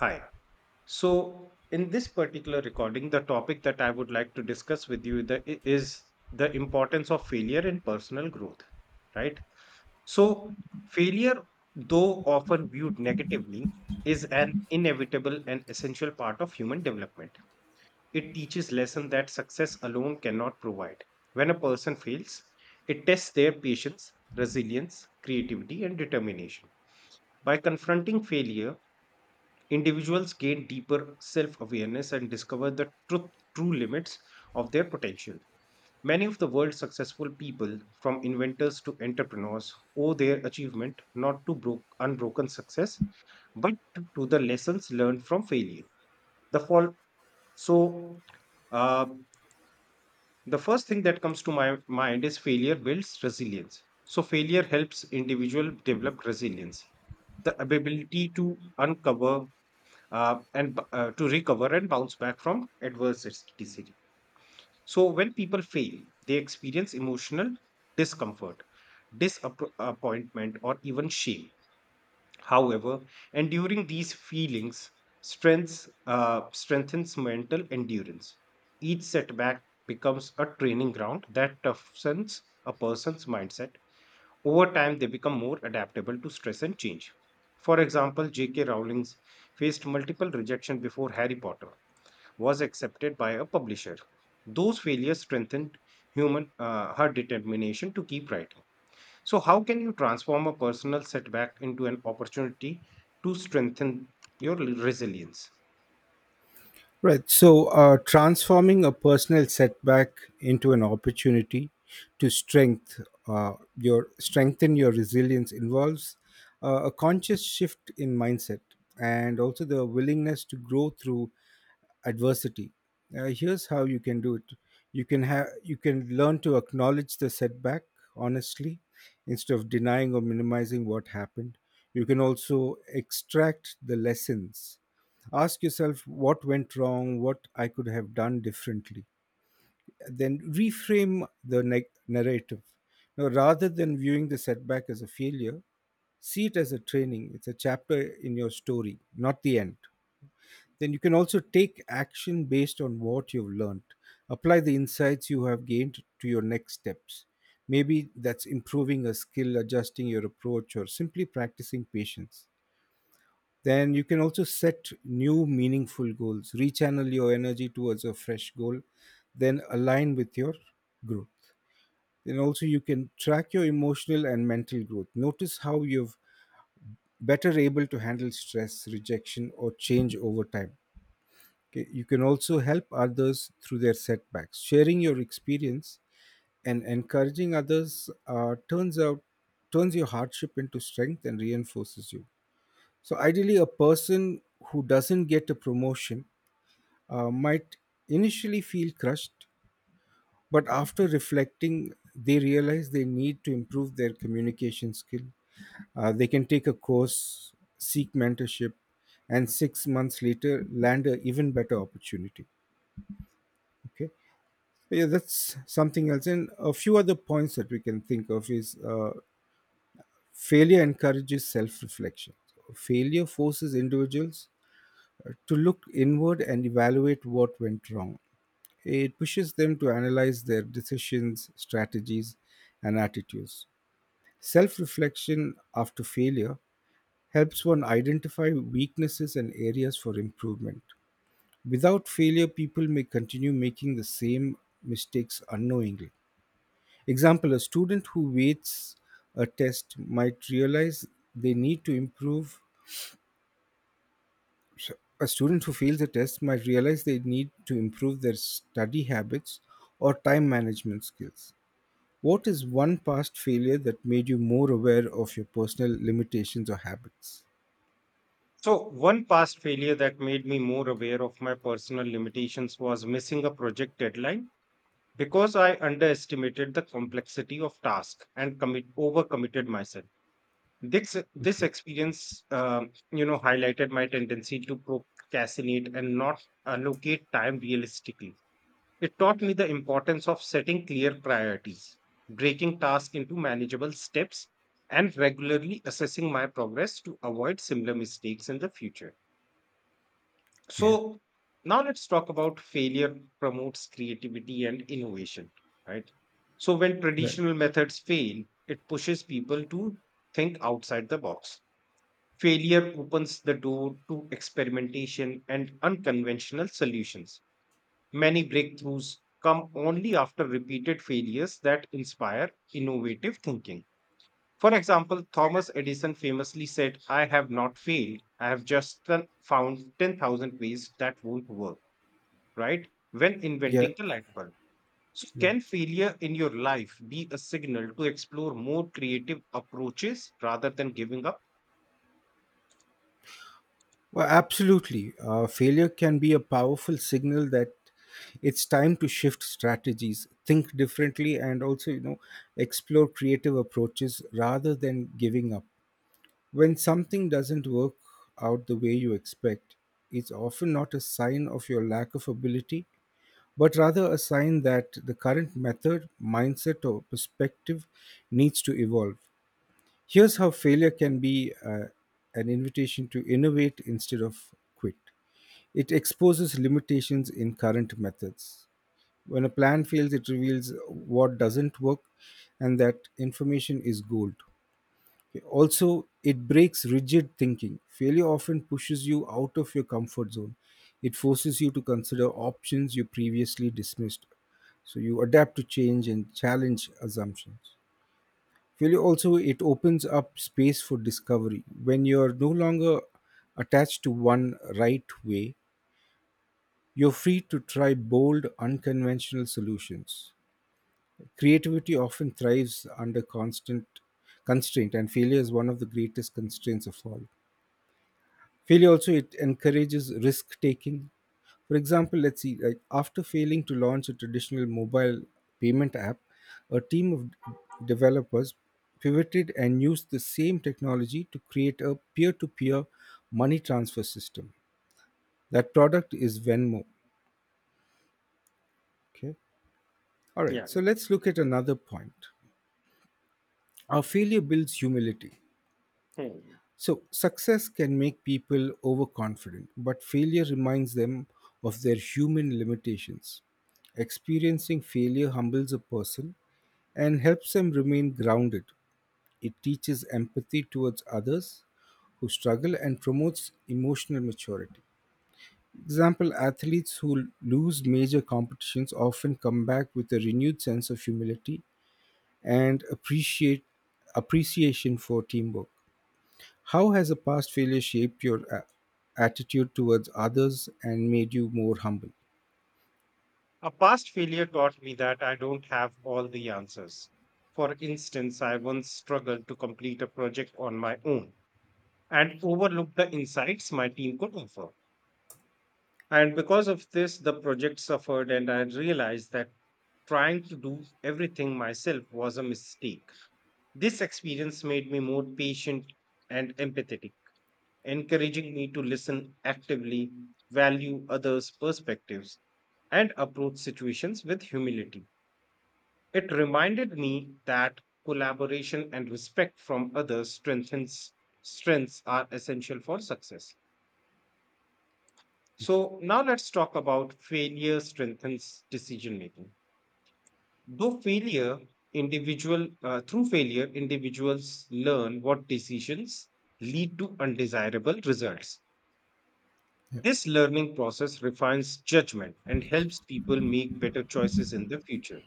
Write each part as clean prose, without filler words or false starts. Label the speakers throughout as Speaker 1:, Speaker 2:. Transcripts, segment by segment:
Speaker 1: Hi. So, in this particular recording, the topic that I would like to discuss with you is the importance of failure in personal growth, right? So, failure, though often viewed negatively, is an inevitable and essential part of human development. It teaches lessons that success alone cannot provide. When a person fails, it tests their patience, resilience, creativity, and determination. By confronting failure, individuals gain deeper self awareness and discover true limits of their potential. Many of the world's successful people, from inventors to entrepreneurs, owe their achievement not to unbroken success, but to the lessons learned from failure. The fall. So, uh, the first thing that comes to my mind is failure builds resilience. So, failure helps individual develop resilience, the ability to to recover and bounce back from adversity. So when people fail, they experience emotional discomfort, disappointment, or even shame. However, enduring these feelings strengths strengthens mental endurance. Each setback becomes a training ground that toughens a person's mindset over time, they become more adaptable to stress and change. For example, J.K. Rowling faced multiple rejection before Harry Potter was accepted by a publisher. Those failures strengthened human her determination to keep writing. So, how can you transform a personal setback into an opportunity to strengthen your resilience?
Speaker 2: Right. So, transforming a personal setback into an opportunity to strengthen your resilience involves a conscious shift in mindset and also the willingness to grow through adversity. Here's how you can do it. You can learn to acknowledge the setback honestly instead of denying or minimizing what happened. You can also extract the lessons. Ask yourself what went wrong, what I could have done differently. Then reframe the narrative. Now, rather than viewing the setback as a failure, see it as a training. It's a chapter in your story, not the end. Then you can also take action based on what you've learned. Apply the insights you have gained to your next steps. Maybe that's improving a skill, adjusting your approach, or simply practicing patience. Then you can also set new meaningful goals, rechannel your energy towards a fresh goal, then align with your growth. Then also you can track your emotional and mental growth. Notice how you've better able to handle stress, rejection, or change over time. Okay. You can also help others through their setbacks. Sharing your experience and encouraging others, turns your hardship into strength and reinforces you. So ideally, a person who doesn't get a promotion might initially feel crushed, but after reflecting, they realize they need to improve their communication skill. They can take a course, seek mentorship, and 6 months later land an even better opportunity. Okay. Yeah, that's something else. And a few other points that we can think of is, failure encourages self reflection. Failure forces individuals, to look inward and evaluate what went wrong. It pushes them to analyze their decisions, strategies, and attitudes. Self reflection after failure helps one identify weaknesses and areas for improvement. Without failure, people may continue making the same mistakes unknowingly. Example, a student who waits a test might realize they need to improve a student who fails a test might realize they need to improve their study habits or time management skills. What is one past failure that made you more aware of your personal limitations or habits?
Speaker 1: So, one past failure that made me more aware of my personal limitations was missing a project deadline because I underestimated the complexity of task and commit overcommitted myself. This
Speaker 2: Okay.
Speaker 1: experience, you know, highlighted my tendency to procrastinate and not allocate time realistically. It taught me the importance of setting clear priorities, breaking tasks into manageable steps, and regularly assessing my progress to avoid similar mistakes in the future.
Speaker 2: Okay.
Speaker 1: So now let's talk about failure promotes creativity and innovation, right? So when
Speaker 2: Right.
Speaker 1: traditional methods fail, it pushes people to think outside the box. Failure opens the door to experimentation and unconventional solutions. Many breakthroughs come only after repeated failures that inspire innovative thinking. For example, Thomas Edison famously said, I have not failed, I have just found 10,000 ways that won't work right? When
Speaker 2: Yeah.
Speaker 1: inventing the light bulb. So,
Speaker 2: Right.
Speaker 1: can failure in your life be a signal to explore more creative approaches rather than giving up?
Speaker 2: Well, absolutely. Failure can be a powerful signal that it's time to shift strategies, think differently, and also, you know, explore creative approaches rather than giving up. When something doesn't work out the way you expect, it's often not a sign of your lack of ability, but rather a sign that the current method, mindset, or perspective needs to evolve. Here's how failure can be an invitation to innovate instead of quit. It exposes limitations in current methods. When a plan fails, it reveals what doesn't work, and that information is gold. Also, it breaks rigid thinking. Failure often pushes you out of your comfort zone. It forces you to consider options you previously dismissed. So you adapt to change and challenge assumptions. Failure also it opens up space for discovery. When you're no longer attached to one right way, you're free to try bold, unconventional solutions. Creativity often thrives under constant constraint, and failure is one of the greatest constraints of all. Failure also it encourages risk taking. For example, let's see, like after failing to launch a traditional mobile payment app, a team of developers pivoted and used the same technology to create a peer-to-peer money transfer system. That product is Venmo. Okay. All right,
Speaker 1: Yeah.
Speaker 2: so let's look at another point. Our failure builds humility.
Speaker 1: Hmm.
Speaker 2: So, success can make people overconfident, but failure reminds them of their human limitations. Experiencing failure humbles a person and helps them remain grounded. It teaches empathy towards others who struggle and promotes emotional maturity. Example, athletes who lose major competitions often come back with a renewed sense of humility and appreciate appreciation for teamwork. How has a past failure shaped your attitude towards others and made you more humble?
Speaker 1: A past failure taught me that I don't have all the answers. For instance, I once struggled to complete a project on my own and overlooked the insights my team could offer. And because of this, the project suffered, and I realized that trying to do everything myself was a mistake. This experience made me more patient and empathetic, encouraging me to listen actively, value others' perspectives, and approach situations with humility. It reminded me that collaboration and respect from others strengthens strengths are essential for success. So now let's talk about failure strengthens decision making. Though failure, individual Through failure, individuals learn what decisions lead to undesirable results.
Speaker 2: Yeah.
Speaker 1: This learning process refines judgment and helps people make better choices in the future.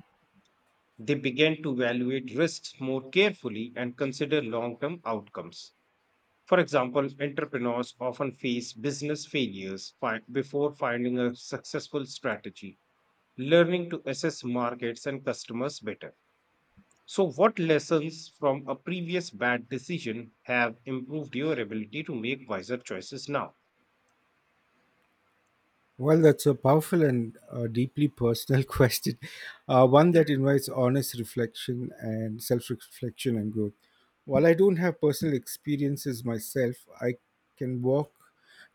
Speaker 1: They begin to evaluate risks more carefully and consider long term outcomes. For example, entrepreneurs often face business failures before finding a successful strategy, learning to assess markets and customers better. So, what lessons from a previous bad decision have improved your ability to make wiser choices now?
Speaker 2: Well, that's a powerful and, deeply personal question, one
Speaker 1: Yeah.
Speaker 2: that invites honest reflection and self reflection and growth. While I don't have personal experiences myself, I can walk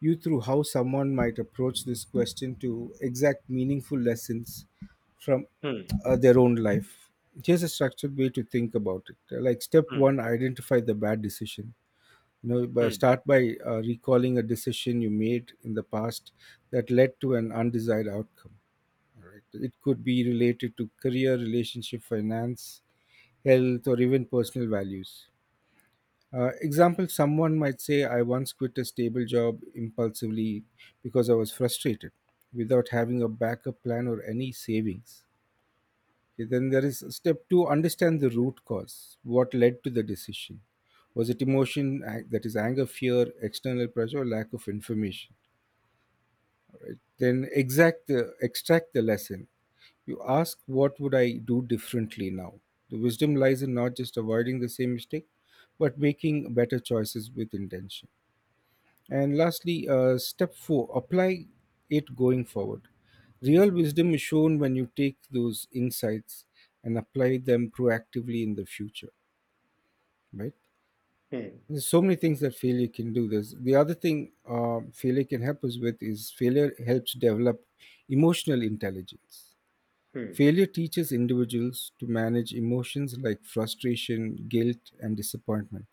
Speaker 2: you through how someone might approach this question to exact meaningful lessons from,
Speaker 1: Hmm,
Speaker 2: their own life. Here's a structured way to think about it. Like, step
Speaker 1: hmm,
Speaker 2: one, identify the bad decision. You know, by
Speaker 1: hmm,
Speaker 2: start by recalling a decision you made in the past that led to an undesired outcome. It could be related to career, relationship, finance, health, or even personal values. Uh, example, someone might say, I once quit a stable job impulsively because I was frustrated without having a backup plan or any savings. Okay, then there is step two, understand the root cause. What led to the decision? Was it emotion, that is anger, fear, external pressure, or lack of information? Then extract the lesson. You ask, what would I do differently now? The wisdom lies in not just avoiding the same mistake, but making better choices with intention. And lastly, step four, apply it going forward. Real wisdom is shown when you take those insights and apply them proactively in the future, right?
Speaker 1: hmm,
Speaker 2: There's so many things that failure can do. There's the other thing failure can help us with is Failure helps develop emotional intelligence.
Speaker 1: hmm,
Speaker 2: Failure teaches individuals to manage emotions like frustration, guilt, and disappointment.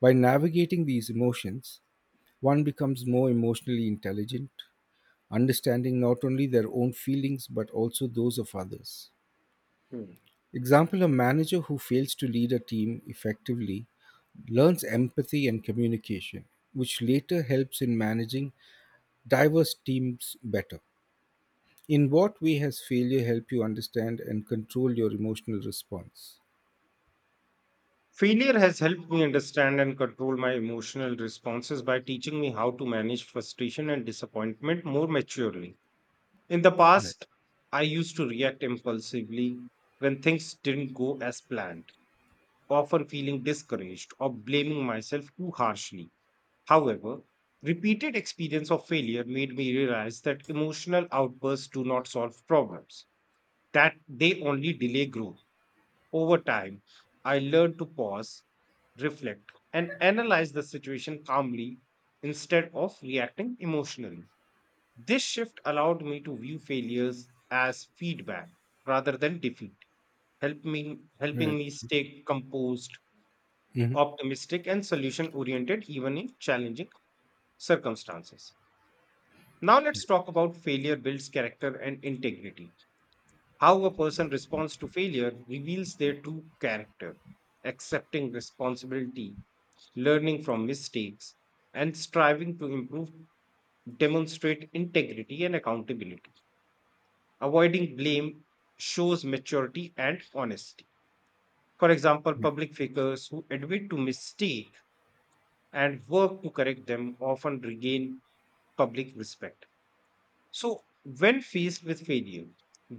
Speaker 2: By navigating these emotions, one becomes more emotionally intelligent, understanding not only their own feelings but also those of others.
Speaker 1: hmm.
Speaker 2: Example, a manager who fails to lead a team effectively learns empathy and communication, which later helps in managing diverse teams better. In what way has failure helped you understand and control your emotional response?
Speaker 1: Failure has helped me understand and control my emotional responses by teaching me how to manage frustration and disappointment more maturely. In the
Speaker 2: Right.
Speaker 1: past, I used to react impulsively when things didn't go as planned, often feeling discouraged or blaming myself too harshly. However, repeated experience of failure made me realize that emotional outbursts do not solve problems, that they only delay growth. Over time, I learned to pause, reflect, and analyze the situation calmly instead of reacting emotionally. This shift allowed me to view failures as feedback rather than defeat, helping
Speaker 2: Right.
Speaker 1: me stay composed,
Speaker 2: Mhm. Yeah.
Speaker 1: optimistic, and solution oriented even in challenging circumstances. Now let's talk about failure builds character and integrity. How a person responds to failure reveals their true character. Accepting responsibility, learning from mistakes, and striving to improve demonstrate integrity and accountability. Avoiding blame shows maturity and honesty. For example, public figures who admit to mistake and work to correct them often regain public respect. So, when faced with failure,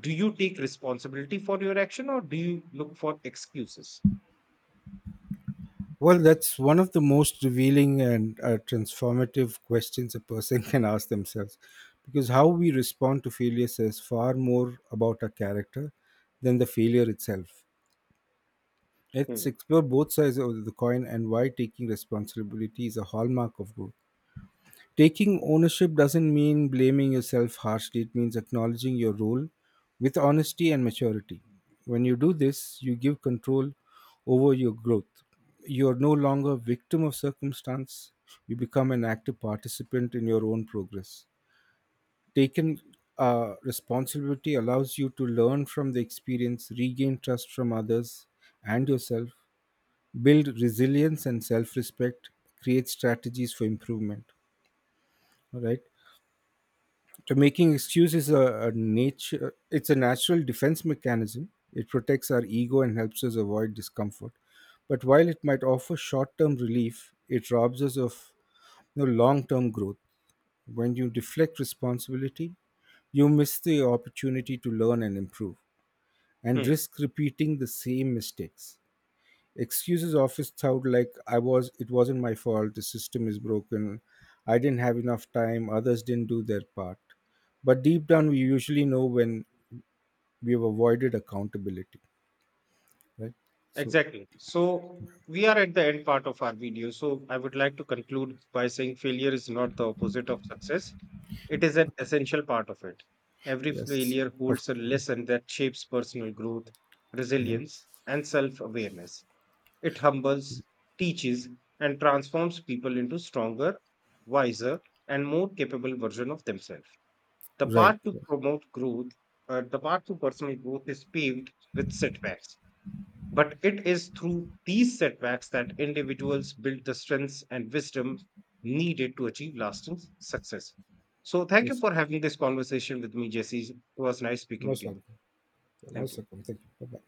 Speaker 1: do you take responsibility for your action or do you look for excuses?
Speaker 2: Well, that's one of the most revealing and, transformative questions a person can ask themselves because how we respond to failure says far more about our character than the failure itself. Let's
Speaker 1: Hmm.
Speaker 2: explore both sides of the coin and why taking responsibility is a hallmark of growth. Taking ownership doesn't mean blaming yourself harshly, it means acknowledging your role with honesty and maturity. When you do this, you give control over your growth. You are no longer a victim of circumstance, you become an active participant in your own progress. Taking, responsibility allows you to learn from the experience, regain trust from others and yourself, build resilience and self respect, create strategies for improvement. All right. So making excuses is a nature it's a natural defense mechanism. It protects our ego and helps us avoid discomfort. But while it might offer short-term relief, it robs us of, you know, long-term growth. When you deflect responsibility, you miss the opportunity to learn and improve and
Speaker 1: Hmm.
Speaker 2: risk repeating the same mistakes. Excuses often sound like, I was it wasn't my fault, the system is broken, I didn't have enough time, others didn't do their part. But deep down we usually know when we've avoided accountability. Right? So
Speaker 1: Exactly. So, we are at the end part of our video. So, I would like to conclude by saying failure is not the opposite of success, it is an essential part of it. Every
Speaker 2: yes.
Speaker 1: failure
Speaker 2: Of
Speaker 1: holds a
Speaker 2: course.
Speaker 1: lesson that shapes personal growth,
Speaker 2: Yeah.
Speaker 1: resilience, and self awareness. It humbles, teaches, and transforms people into stronger, wiser, and more capable version of themselves. The
Speaker 2: Right.
Speaker 1: path to
Speaker 2: Yeah.
Speaker 1: promote growth, the path to personal growth is paved with setbacks. But it is through these setbacks that individuals build the strengths and wisdom needed to achieve lasting success. So, thank you
Speaker 2: Yes.
Speaker 1: for having this conversation with me, Jesse. It was nice speaking
Speaker 2: Most
Speaker 1: to you.
Speaker 2: welcome. You're
Speaker 1: Thank
Speaker 2: most
Speaker 1: you.
Speaker 2: welcome. Thank you. Bye bye.